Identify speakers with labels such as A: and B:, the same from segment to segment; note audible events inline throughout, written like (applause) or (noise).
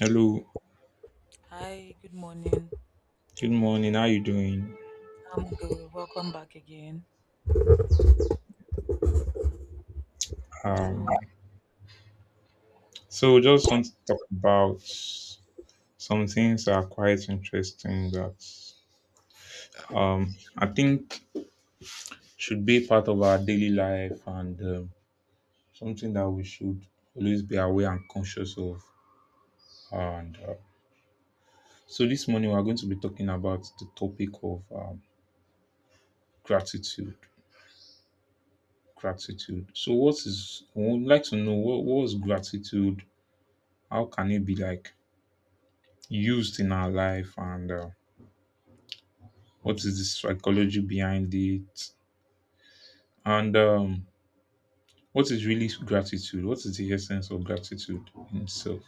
A: Hello,
B: Hi, good morning.
A: good morning. How you doing?
B: I'm good. Welcome back again. So,
A: Um, so just want to talk about some things that are quite interesting that I think should be part of our daily life and something that we should always be aware and conscious of. And so this morning we are going to be talking about the topic of gratitude. Gratitude. So what is? I would like to know what is gratitude? How can it be like used in our life and what is the psychology behind it? And what is really gratitude? What is the essence of gratitude in itself?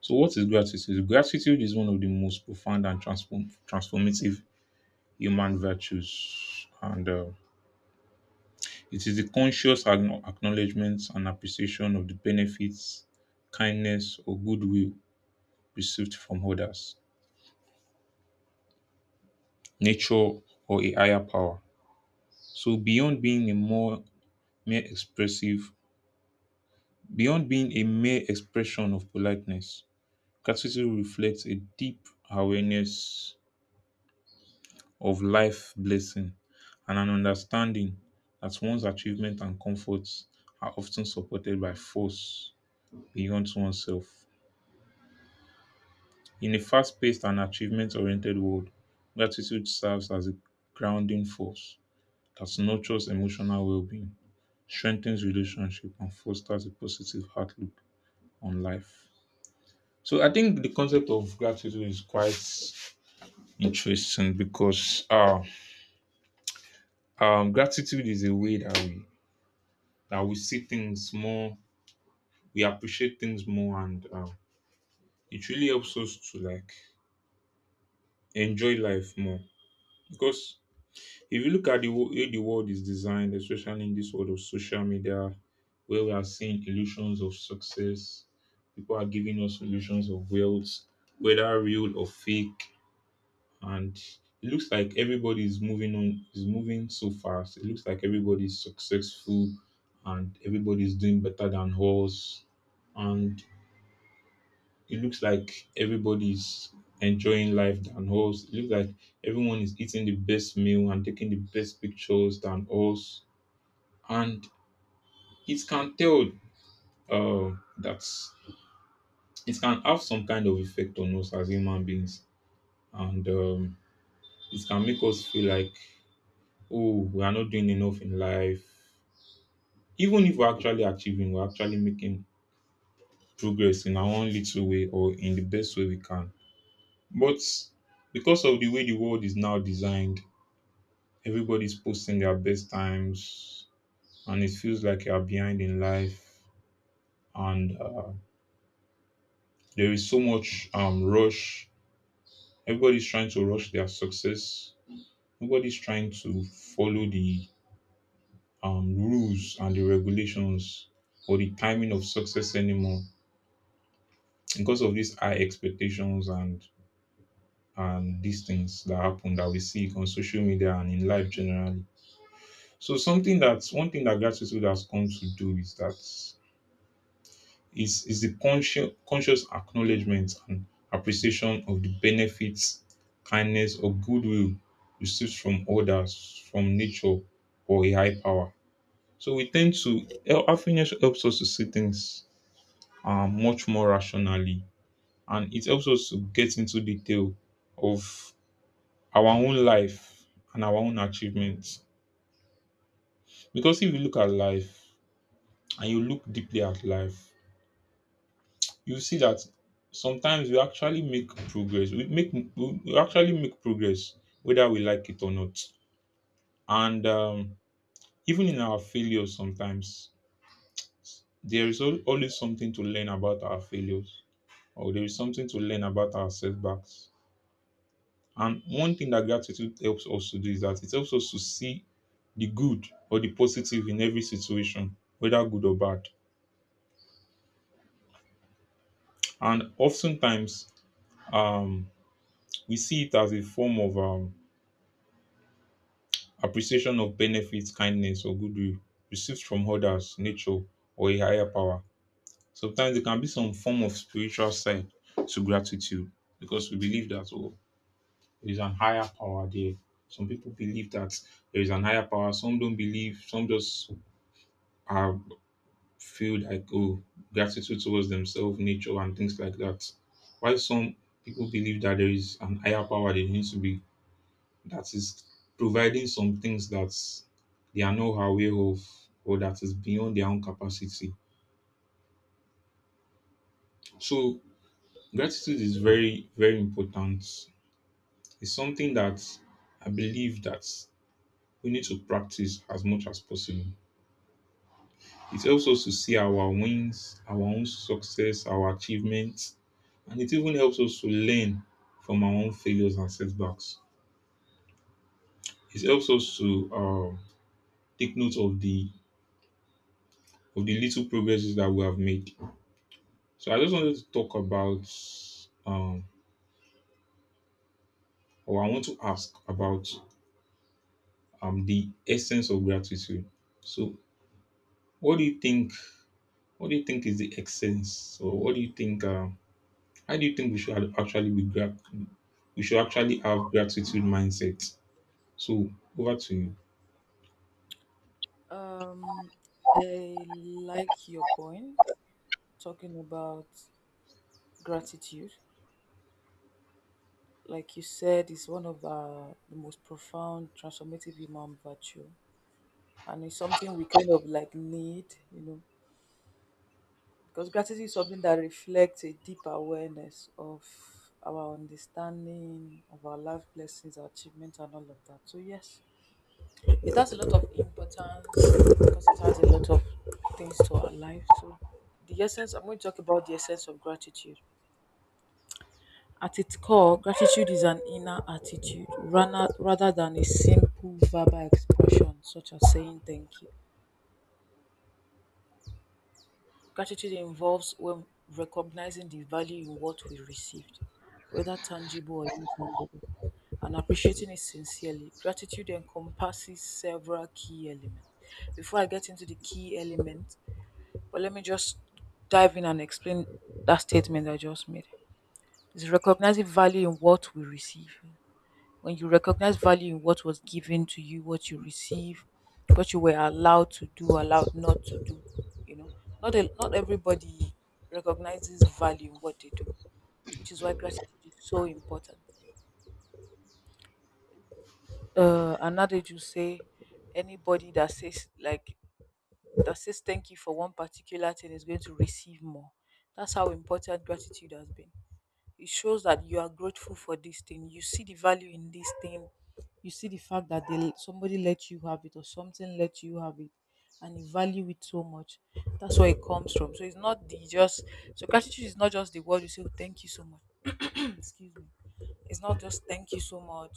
A: So, what is gratitude? Gratitude is one of the most profound and transformative human virtues. And it is the conscious acknowledgement and appreciation of the benefits, kindness, or goodwill received from others, nature, or a higher power. So, mere expressive Beyond being a mere expression of politeness, gratitude reflects a deep awareness of life blessing and an understanding that one's achievement and comforts are often supported by force beyond oneself. In a fast paced and achievement oriented world, gratitude serves as a grounding force that nurtures emotional well being, strengthens relationships, and fosters a positive outlook on life. So I think the concept of gratitude is quite interesting because gratitude is a way that we see things more, we appreciate things more, and it really helps us to like enjoy life more. Because if you look at the way the world is designed, especially in this world of social media, where we are seeing illusions of success, people are giving us illusions of wealth, whether real or fake, and it looks like everybody is moving so fast. It looks like everybody is successful and everybody is doing better than us, and it looks like everybody is enjoying life than us. It looks like everyone is eating the best meal and taking the best pictures than us, and it can tell uh, that it can have some kind of effect on us as human beings, and it can make us feel like, oh, we are not doing enough in life. Even if we're actually achieving, we're actually making progress in our own little way or in the best way we can. But because of the way the world is now designed, everybody's posting their best times and it feels like you are behind in life. And there is so much rush. Everybody's trying to rush their success. Nobody's trying to follow the rules and the regulations or the timing of success anymore because of these high expectations and these things that happen, that we see on social media and in life generally. So something that's one thing that gratitude has come to do is that is the conscious acknowledgement and appreciation of the benefits, kindness or goodwill received from others, from nature or a high power. So we tend to, happiness helps us to see things much more rationally and it helps us to get into detail of our own life and our own achievements. Because if you look at life and you look deeply at life, you see that sometimes we actually make progress. We actually make progress whether we like it or not. And even in our failures, sometimes there is always something to learn about our failures, or there is something to learn about our setbacks. And one thing that gratitude helps us to do is that it helps us to see the good or the positive in every situation, whether good or bad. And oftentimes, um, we see it as a form of appreciation of benefits, kindness, or goodwill received from others, nature, or a higher power. Sometimes there can be some form of spiritual side to gratitude because we believe that, oh, there is an higher power there. Some people believe that there is an higher power. Some don't believe. Some just are, feel like, oh, gratitude towards themselves, nature, and things like that. While some people believe that there is an higher power they need to be, that is providing some things that they are not aware of or that is beyond their own capacity. So gratitude is very, very important. It's something that I believe that we need to practice as much as possible. It helps us to see our wins, our own success, our achievements, and it even helps us to learn from our own failures and setbacks. It helps us to take note of the little progresses that we have made. So I just wanted to talk about, um, or I want to ask about the essence of gratitude. So, what do you think? What do you think is the essence, or what do you think? How do you think we should actually be grat? We should actually have gratitude mindset. So over to you.
B: um, I like your point talking about gratitude. Like you said, it's one of the most profound transformative human virtue, and it's something we kind of need because gratitude is something that reflects a deep awareness of our understanding of our life blessings, our achievements, and all of that. So yes, it has a lot of importance because it has a lot of things to our life. So, the essence, I'm going to talk about the essence of gratitude. At its core, gratitude is an inner attitude rather than a simple verbal expression, such as saying thank you. Gratitude involves when recognizing the value in what we received, whether tangible or intangible, and appreciating it sincerely. Gratitude encompasses several key elements. Before I get into the key element, but let me just dive in and explain that statement I just made. It's recognizing value in what we receive. When you recognize value in what was given to you, what you receive, what you were allowed to do, allowed not to do, you know, not everybody recognizes value in what they do, which is why gratitude is so important. Another you say anybody that says thank you for one particular thing is going to receive more. That's how important gratitude has been. It shows that you are grateful for this thing. You see the value in this thing. You see the fact that they somebody let you have it, or something let you have it, and you value it so much. That's where it comes from. So gratitude is not just the word you say, "Oh, thank you so much." (clears throat) Excuse me. It's not just thank you so much,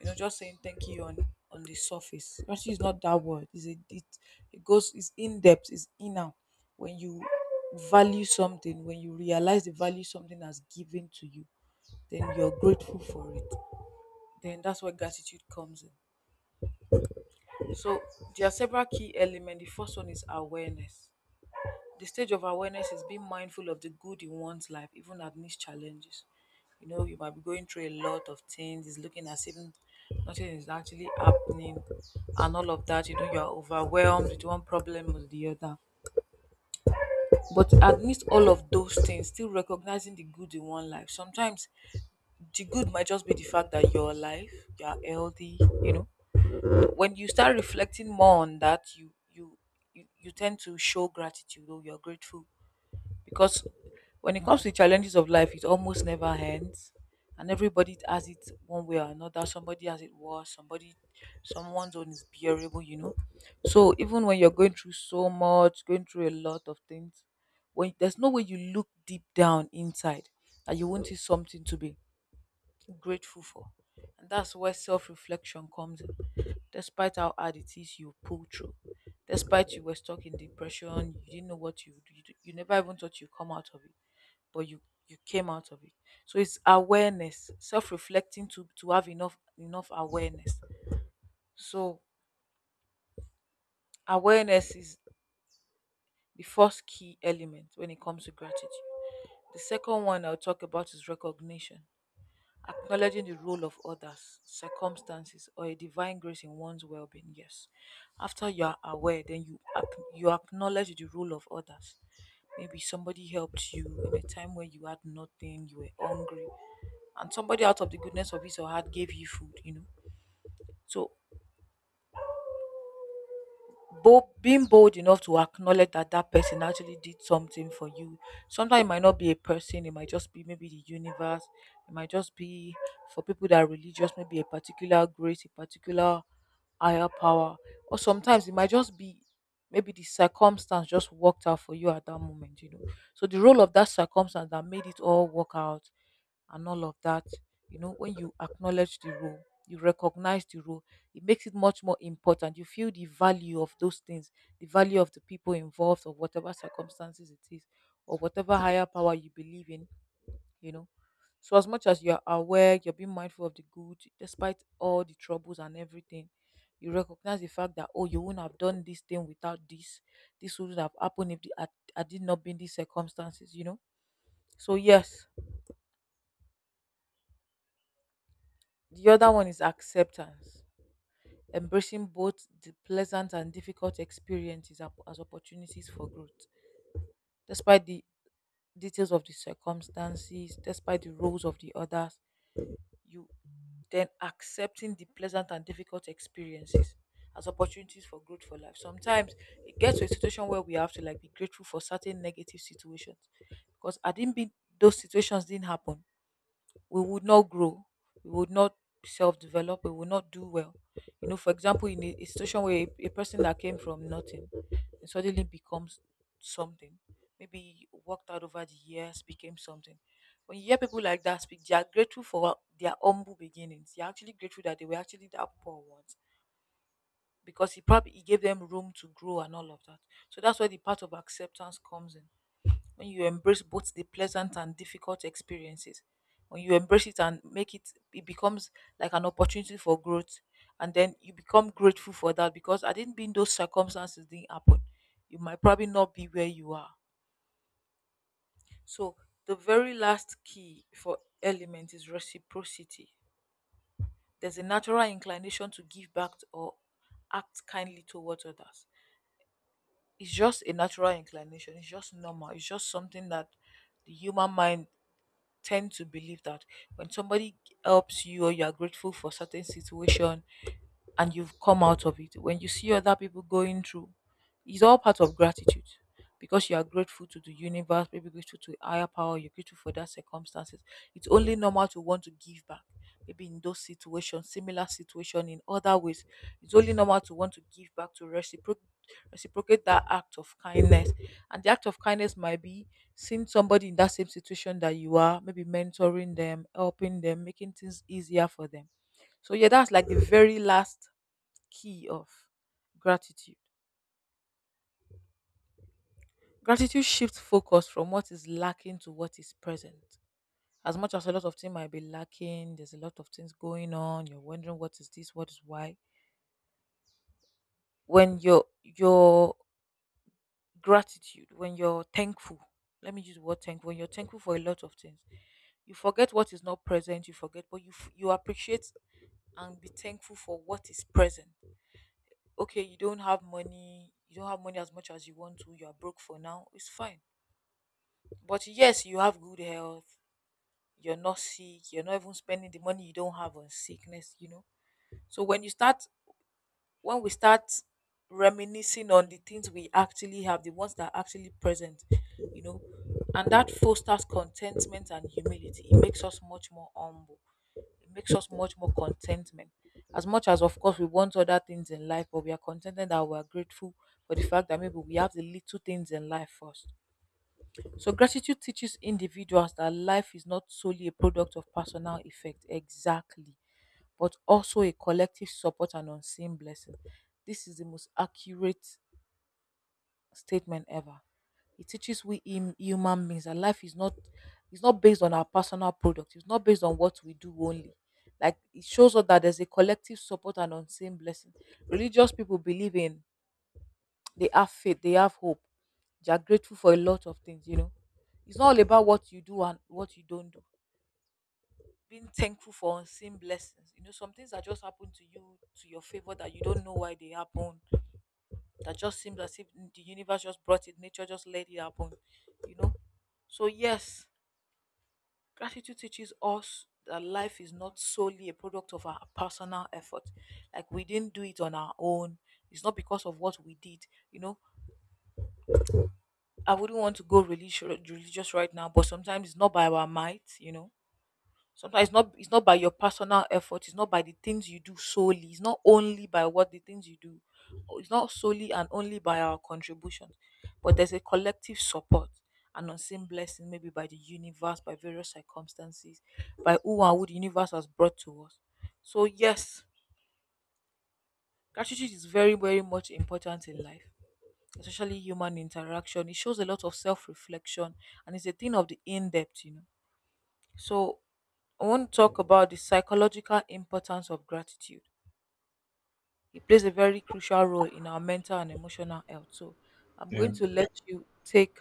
B: you know, just saying thank you on the surface. Gratitude is not that word. It goes, it's in depth, it's inner. When you value something, when you realize the value something has given to you, then you're grateful for it. Then that's where gratitude comes in. So there are several key elements. The first one is awareness. The stage of awareness is being mindful of the good in one's life, even amidst challenges. You know, you might be going through a lot of things, it's looking as if nothing is actually happening, and all of that. You know, you're overwhelmed with one problem or the other. But amidst all of those things, still recognizing the good in one life. Sometimes the good might just be the fact that you're alive, you're healthy, you know, when you start reflecting more on that, you tend to show gratitude or you're grateful, because when it comes to challenges of life, it almost never ends, and everybody has it one way or another. Somebody has it worse, somebody someone's own is bearable, you know. So even when you're going through so much, going through a lot of things, when there's no way, you look deep down inside, that you won't see something to be grateful for. And that's where self reflection comes in. Despite how hard it is, you pull through. Despite you were stuck in depression, you didn't know what you never even thought you come out of it, but you came out of it. So it's awareness, self reflecting to have enough awareness. So awareness is the first key element when it comes to gratitude. The second one I'll talk about is recognition, acknowledging the role of others, circumstances, or a divine grace in one's well-being. Yes, after you are aware, then you acknowledge the role of others. Maybe somebody helped you in a time where you had nothing, you were hungry, and somebody out of the goodness of his or heart gave you food. You know, so bold being bold enough to acknowledge that that person actually did something for you. Sometimes it might not be a person, it might just be maybe the universe. It might just be, for people that are religious, maybe a particular grace, a particular higher power. Or sometimes it might just be, maybe the circumstance just worked out for you at that moment, you know. So the role of that circumstance that made it all work out, and all of that. You know, when you acknowledge the role, you recognize the role, it makes it much more important. You feel the value of those things, the value of the people involved, or whatever circumstances it is, or whatever higher power you believe in, you know. So, as much as you're aware, you're being mindful of the good, despite all the troubles and everything, you recognize the fact that, oh, you wouldn't have done this thing without this. This wouldn't have happened if I did not be in these circumstances, you know. So, yes, the other one is acceptance, embracing both the pleasant and difficult experiences as opportunities for growth. Despite the details of the circumstances, despite the roles of the others, you then accepting the pleasant and difficult experiences as opportunities for growth for life. Sometimes it gets to a situation where we have to like be grateful for certain negative situations, because I didn't be, those situations didn't happen, we would not grow, we would not self develop, we would not do well. You know, for example, in a situation where a person that came from nothing and suddenly becomes something, maybe worked out over the years, became something. When you hear people like that speak, they are grateful for their humble beginnings. They are actually grateful that they were actually that poor once, because he gave them room to grow and all of that. So that's where the part of acceptance comes in. When you embrace both the pleasant and difficult experiences, when you embrace it and make it, it becomes like an opportunity for growth, and then you become grateful for that, because I didn't be, those circumstances didn't happen, you might probably not be where you are. So the very last key for element is reciprocity. There's a natural inclination to give back to- or act kindly towards others. It's just a natural inclination, it's just normal, it's just something that the human mind tend to believe, that when somebody helps you, or you are grateful for certain situation, and you've come out of it. When you see other people going through, it's all part of gratitude, because you are grateful to the universe, maybe grateful to a higher power, you're grateful for that circumstances. It's only normal to want to give back. Maybe in those situations, similar situation in other ways, it's only normal to want to give back to reciprocate that act of kindness. And the act of kindness might be seeing somebody in that same situation that you are, maybe mentoring them, helping them, making things easier for them. So yeah, that's like the very last key of gratitude. Gratitude shifts focus from what is lacking to what is present. As much as a lot of things might be lacking, there's a lot of things going on, you're wondering what is this, what is why. When your gratitude, when you're thankful, let me use the word thankful, when you're thankful for a lot of things, you forget what is not present, you forget, but you appreciate and be thankful for what is present. Okay, you don't have money, you don't have money as much as you want to, you are broke for now, it's fine. But yes, you have good health. You're not sick. You're not even spending the money you don't have on sickness, you know. So when you start, when we start reminiscing on the things we actually have, the ones that are actually present, you know, and that fosters contentment and humility. It makes us much more humble. It makes us much more contentment. As much as, of course, we want other things in life, but we are contented that we are grateful for the fact that maybe we have the little things in life first. So gratitude teaches individuals that life is not solely a product of personal effect, exactly, but also a collective support and unseen blessing. This is the most accurate statement ever. It teaches we human beings that life is not based on our personal product. It's not based on what we do only. Like it shows us that there's a collective support and unseen blessing. Religious people believe in they have faith, they have hope. They are grateful for a lot of things, you know. It's not all about what you do and what you don't do. Being thankful for unseen blessings. You know, some things that just happen to you, to your favor, that you don't know why they happen. That just seems as if the universe just brought it, nature just let it happen, you know. So, yes, gratitude teaches us that life is not solely a product of our personal effort. Like we didn't do it on our own. It's not because of what we did, you know. I wouldn't want to go religious right now, but sometimes it's not by our might, you know. Sometimes it's not by your personal effort, it's not by the things you do solely, it's not only by what the things you do, or it's not solely and only by our contributions, but there's a collective support and unseen blessing, maybe by the universe, by various circumstances, by who and who the universe has brought to us. So yes, gratitude is very, very much important in life, especially human interaction. It shows a lot of self reflection and it's a thing of the in depth, you know. So, I want to talk about the psychological importance of gratitude. It plays a very crucial role in our mental and emotional health. So, I'm
A: Yeah.
B: going to let you take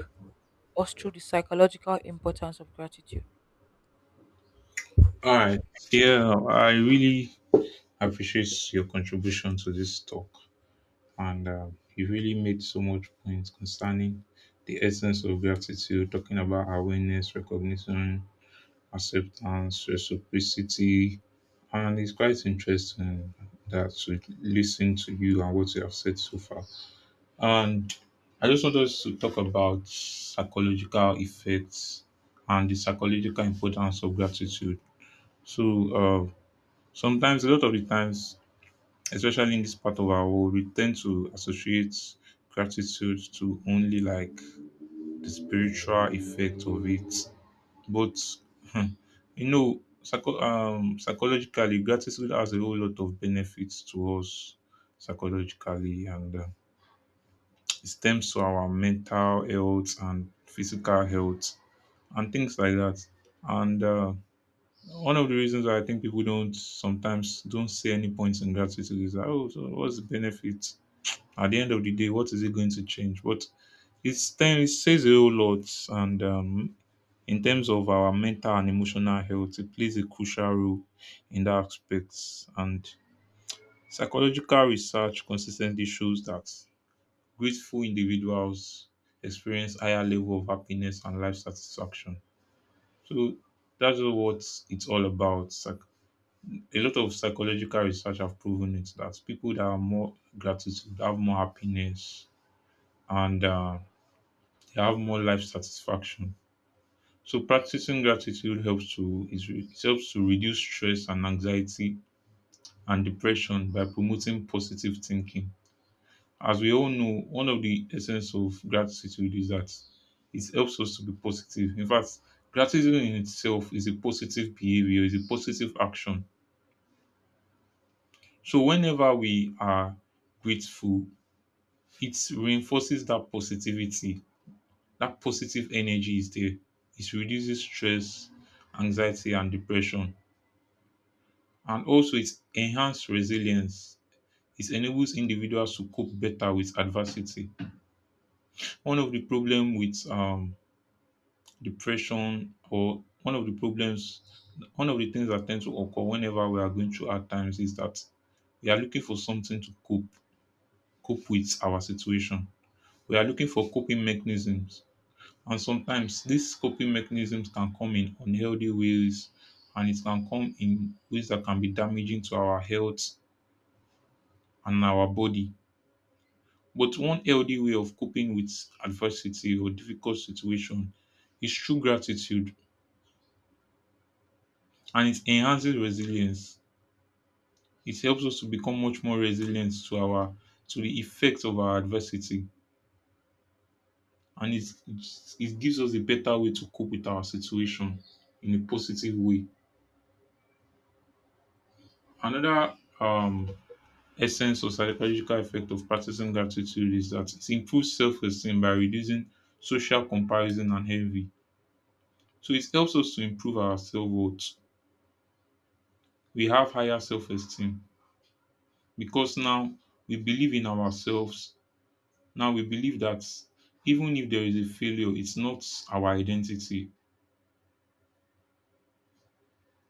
B: us through the psychological importance of gratitude.
A: All right. Yeah, I really appreciate your contribution to this talk, and you really made so much points concerning the essence of gratitude, talking about awareness, recognition, acceptance, reciprocity, and it's quite interesting that to listen to you and what you have said so far. And I just want us to talk about psychological effects and the psychological importance of gratitude. So, uh, sometimes, a lot of the times, especially in this part of our world, we tend to associate gratitude to only like the spiritual effect of it. But, hmm, you know, psychologically, gratitude has a whole lot of benefits to us psychologically, and it stems to our mental health and physical health and things like that. And one of the reasons why I think people don't sometimes don't see any points in gratitude is that, oh, so what's the benefit? At the end of the day, what is it going to change? But it says a whole lot, and in terms of our mental and emotional health, it plays a crucial role in that aspect. And psychological research consistently shows that grateful individuals experience higher level of happiness and life satisfaction. So that's what it's all about. A lot of psychological research have proven it that people that are more gratitude have more happiness, and they have more life satisfaction. So practicing gratitude helps to is re- it helps to reduce stress and anxiety and depression by promoting positive thinking. As we all know, one of the essence of gratitude is that it helps us to be positive. In fact, gratitude in itself is a positive behavior, is a positive action. So whenever we are grateful, it reinforces that positivity. That positive energy is there. It reduces stress, anxiety, and depression. And also it enhances resilience. It enables individuals to cope better with adversity. One of the problem with depression, or one of the problems, one of the things that tend to occur whenever we are going through hard times, is that we are looking for something to cope with our situation. We are looking for coping mechanisms, and sometimes these coping mechanisms can come in unhealthy ways, and it can come in ways that can be damaging to our health and our body. But one healthy way of coping with adversity or difficult situation is true gratitude, and it enhances resilience. It helps us to become much more resilient to our, to the effects of our adversity, and it gives us a better way to cope with our situation in a positive way. Another essence or psychological effect of practicing gratitude is that it improves self-esteem by reducing social comparison and envy. So it helps us to improve our self-worth. We have higher self-esteem because now we believe in ourselves. Now we believe that even if there is a failure, it's not our identity,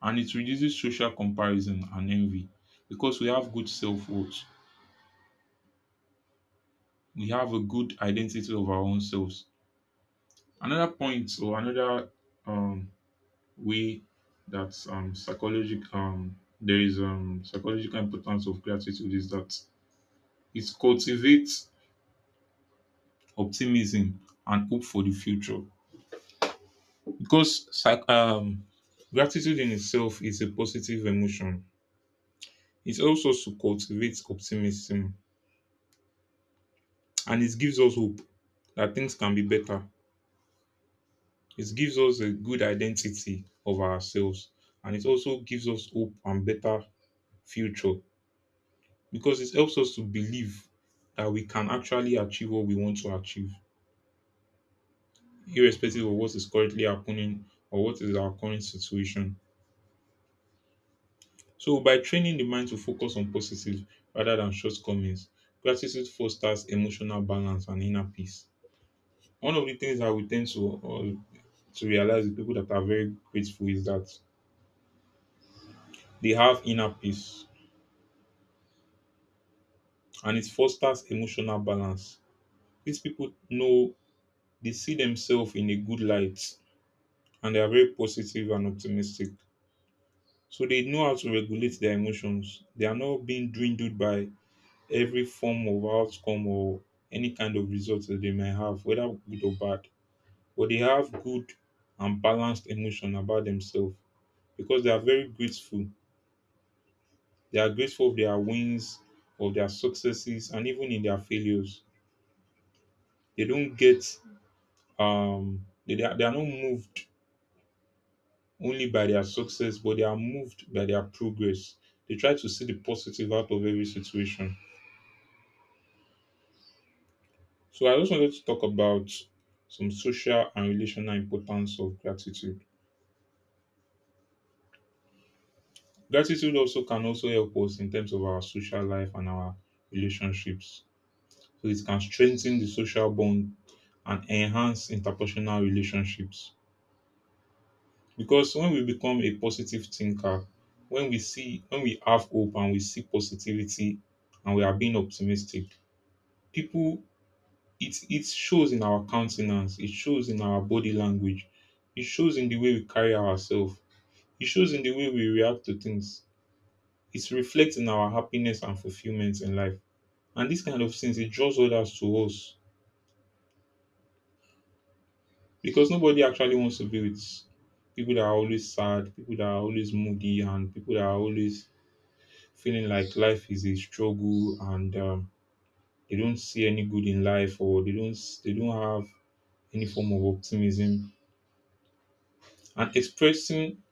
A: and it reduces social comparison and envy because we have good self worth. We have a good identity of our own selves. Another point or another um, way that psychological there is psychological importance of gratitude is that it cultivates optimism and hope for the future because gratitude in itself is a positive emotion. It helps us to cultivate optimism and it gives us hope that things can be better. It gives us a good identity of ourselves, and it also gives us hope and better future because it helps us to believe that we can actually achieve what we want to achieve, irrespective of what is currently happening or what is our current situation. So by training the mind to focus on positive rather than shortcomings, practices fosters emotional balance and inner peace. One of the things that we tend to to realize with people that are very grateful is that they have inner peace and it fosters emotional balance. These people know, they see themselves in a good light and they are very positive and optimistic. So they know how to regulate their emotions. They are not being dwindled by every form of outcome or any kind of result that they may have, whether good or bad. But they have good and balanced emotion about themselves because they are very grateful. They are grateful of their wins, of their successes, and even in their failures. They don't get, they are not moved only by their success, but they are moved by their progress. They try to see the positive out of every situation. So I just wanted to talk about some social and relational importance of gratitude. Gratitude also can also help us in terms of our social life and our relationships. So it can strengthen the social bond and enhance interpersonal relationships. Because when we become a positive thinker, when we see, when we have hope and we see positivity and we are being optimistic, people, it shows in our countenance, it shows in our body language, it shows in the way we carry ourselves, it shows in the way we react to things. It reflects in our happiness and fulfillment in life. And these kind of things, it draws others to us because nobody actually wants to be with people that are always sad, people that are always moody, and people that are always feeling like life is a struggle and they don't see any good in life, or they don't have any form of optimism. And expressing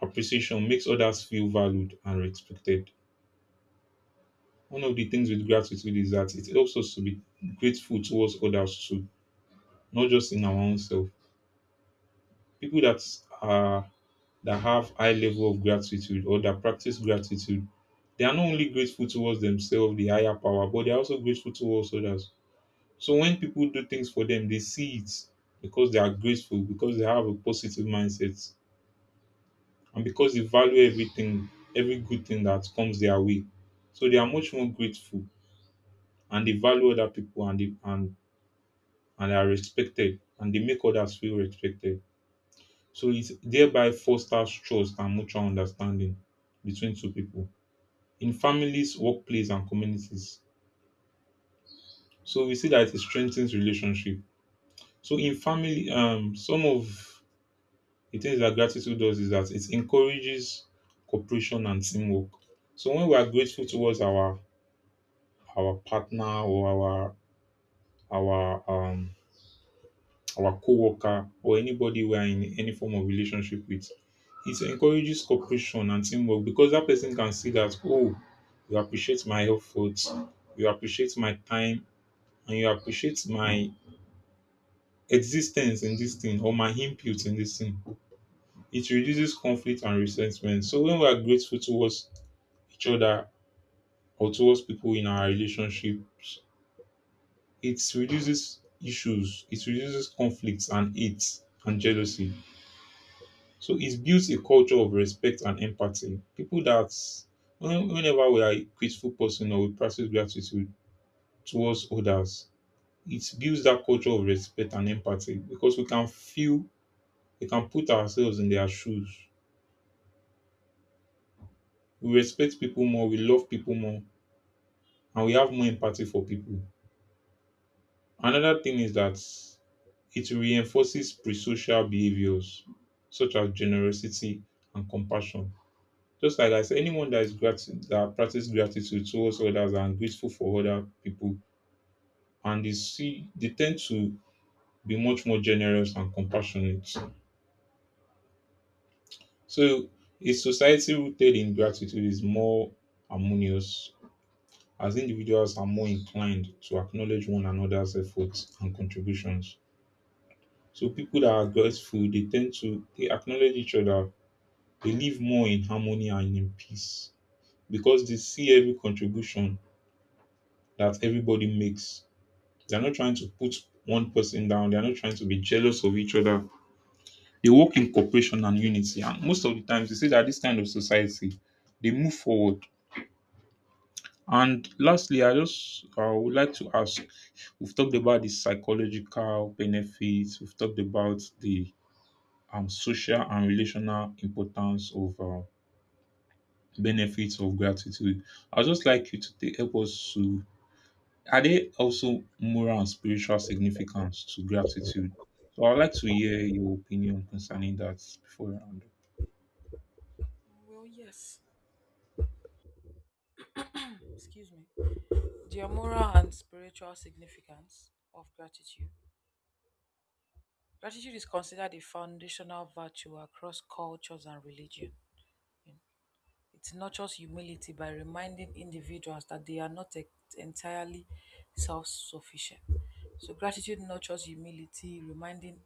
A: appreciation makes others feel valued and respected. One of the things with gratitude is that it helps us to be grateful towards others too, not just in our own self. People that are, that have high level of gratitude or that practice gratitude, they are not only grateful towards themselves, the higher power, but they are also grateful towards others. So when people do things for them, they see it, because they are grateful, because they have a positive mindset, and because they value everything, every good thing that comes their way. So they are much more grateful and they value other people, and they are respected and they make others feel respected. So it thereby fosters trust and mutual understanding between two people, in families, workplace, and communities. So we see that it strengthens relationship. So in family, some of the things that gratitude does is that it encourages cooperation and teamwork. So when we are grateful towards our partner or our um our co-worker or anybody we are in any form of relationship with, it encourages cooperation and teamwork, because that person can see that, oh, you appreciate my efforts, you appreciate my time, and you appreciate my existence in this thing or my input in this thing. It reduces conflict and resentment. So when we are grateful towards each other or towards people in our relationships, it reduces issues, it reduces conflicts and hate and jealousy. So it builds a culture of respect and empathy. People that whenever we are a grateful person or we practice gratitude towards others, it builds that culture of respect and empathy, because we can feel, we can put ourselves in their shoes. We respect people more, we love people more, and we have more empathy for people. Another thing is that it reinforces pre-social behaviors such as generosity and compassion. Just like I said, anyone that is gratitude, that practices gratitude towards others and grateful for other people, and they see, they tend to be much more generous and compassionate. So a society rooted in gratitude is more harmonious, as individuals are more inclined to acknowledge one another's efforts and contributions. So people that are grateful, they tend to, they acknowledge each other. They live more in harmony and in peace, because they see every contribution that everybody makes. They're not trying to put one person down, they're not trying to be jealous of each other. They work in cooperation and unity. And most of the times, they say that this kind of society, they move forward. And lastly, I would like to ask, we've talked about the psychological benefits, we've talked about the social and relational importance of benefits of gratitude. I would just like you to help us to, are there also moral and spiritual significance to gratitude? So I'd like to hear your opinion concerning that before I round up.
B: Well, yes, excuse me. The moral and spiritual significance of gratitude. Gratitude is considered a foundational virtue across cultures and religion. It nurtures humility by reminding individuals that they are not entirely self sufficient. So, gratitude nurtures humility, reminding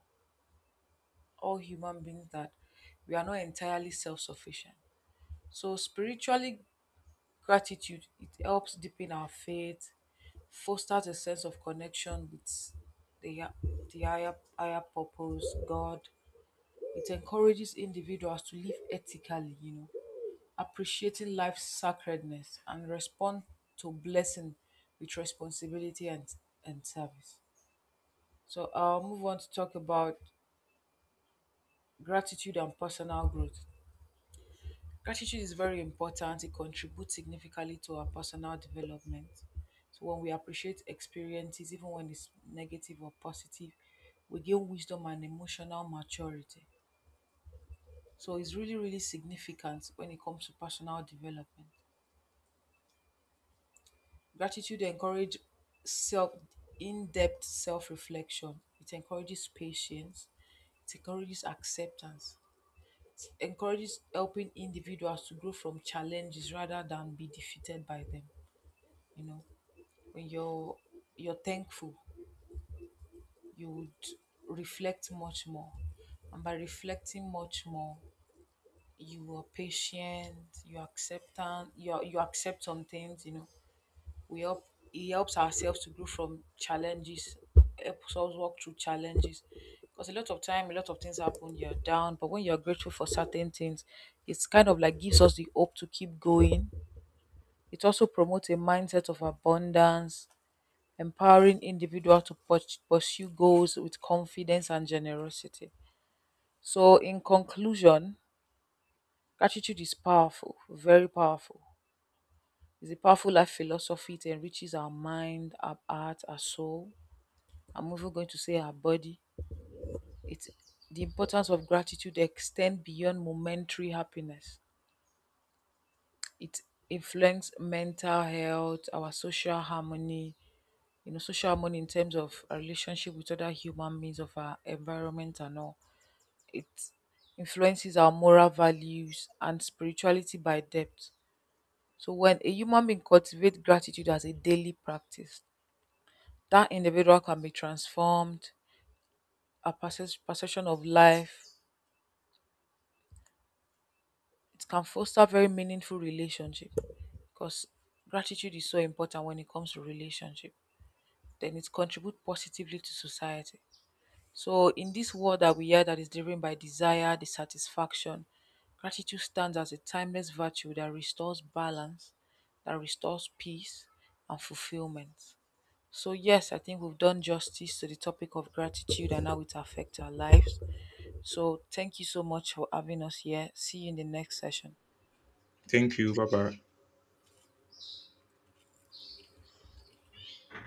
B: all human beings that we are not entirely self sufficient. So, spiritually, gratitude it helps deepen our faith, fosters a sense of connection with the, hi- the higher purpose, God. It encourages individuals to live ethically, you know, appreciating life's sacredness, and respond to blessing with responsibility and service. So I'll move on to talk about gratitude and personal growth. Gratitude is very important. It contributes significantly to our personal development. So when we appreciate experiences, even when it's negative or positive, we gain wisdom and emotional maturity. So it's really, really significant when it comes to personal development. Gratitude encourages self in-depth self-reflection. It encourages patience. It encourages acceptance. Encourages helping individuals to grow from challenges rather than be defeated by them. You know, when you're thankful, you would reflect much more. And by reflecting much more, you are patient, you accept you accept some things, you know, We help he helps ourselves to grow from challenges, helps us walk through challenges. Because a lot of time, a lot of things happen, you're down, but when you're grateful for certain things, it's kind of like gives us the hope to keep going. It also promotes a mindset of abundance, empowering individual to pursue goals with confidence and generosity. So, in conclusion, gratitude is powerful, very powerful. It's a powerful life philosophy. It enriches our mind, our heart, our soul. I'm even going to say our body. It's The importance of gratitude extend beyond momentary happiness. It influences mental health, our social harmony, you know, social harmony in terms of our relationship with other human beings of our environment and all. It influences our moral values and spirituality by depth. So when a human being cultivates gratitude as a daily practice, that individual can be transformed, a perception of life. It can foster very meaningful relationship because gratitude is so important when it comes to relationship. Then it contributes positively to society. So in this world that we are, that is driven by desire, dissatisfaction, gratitude stands as a timeless virtue that restores balance, that restores peace and fulfillment. So yes, I think we've done justice to the topic of gratitude and how it affects our lives. So thank you so much for having us here. See you in the next session.
A: Thank you. Bye bye.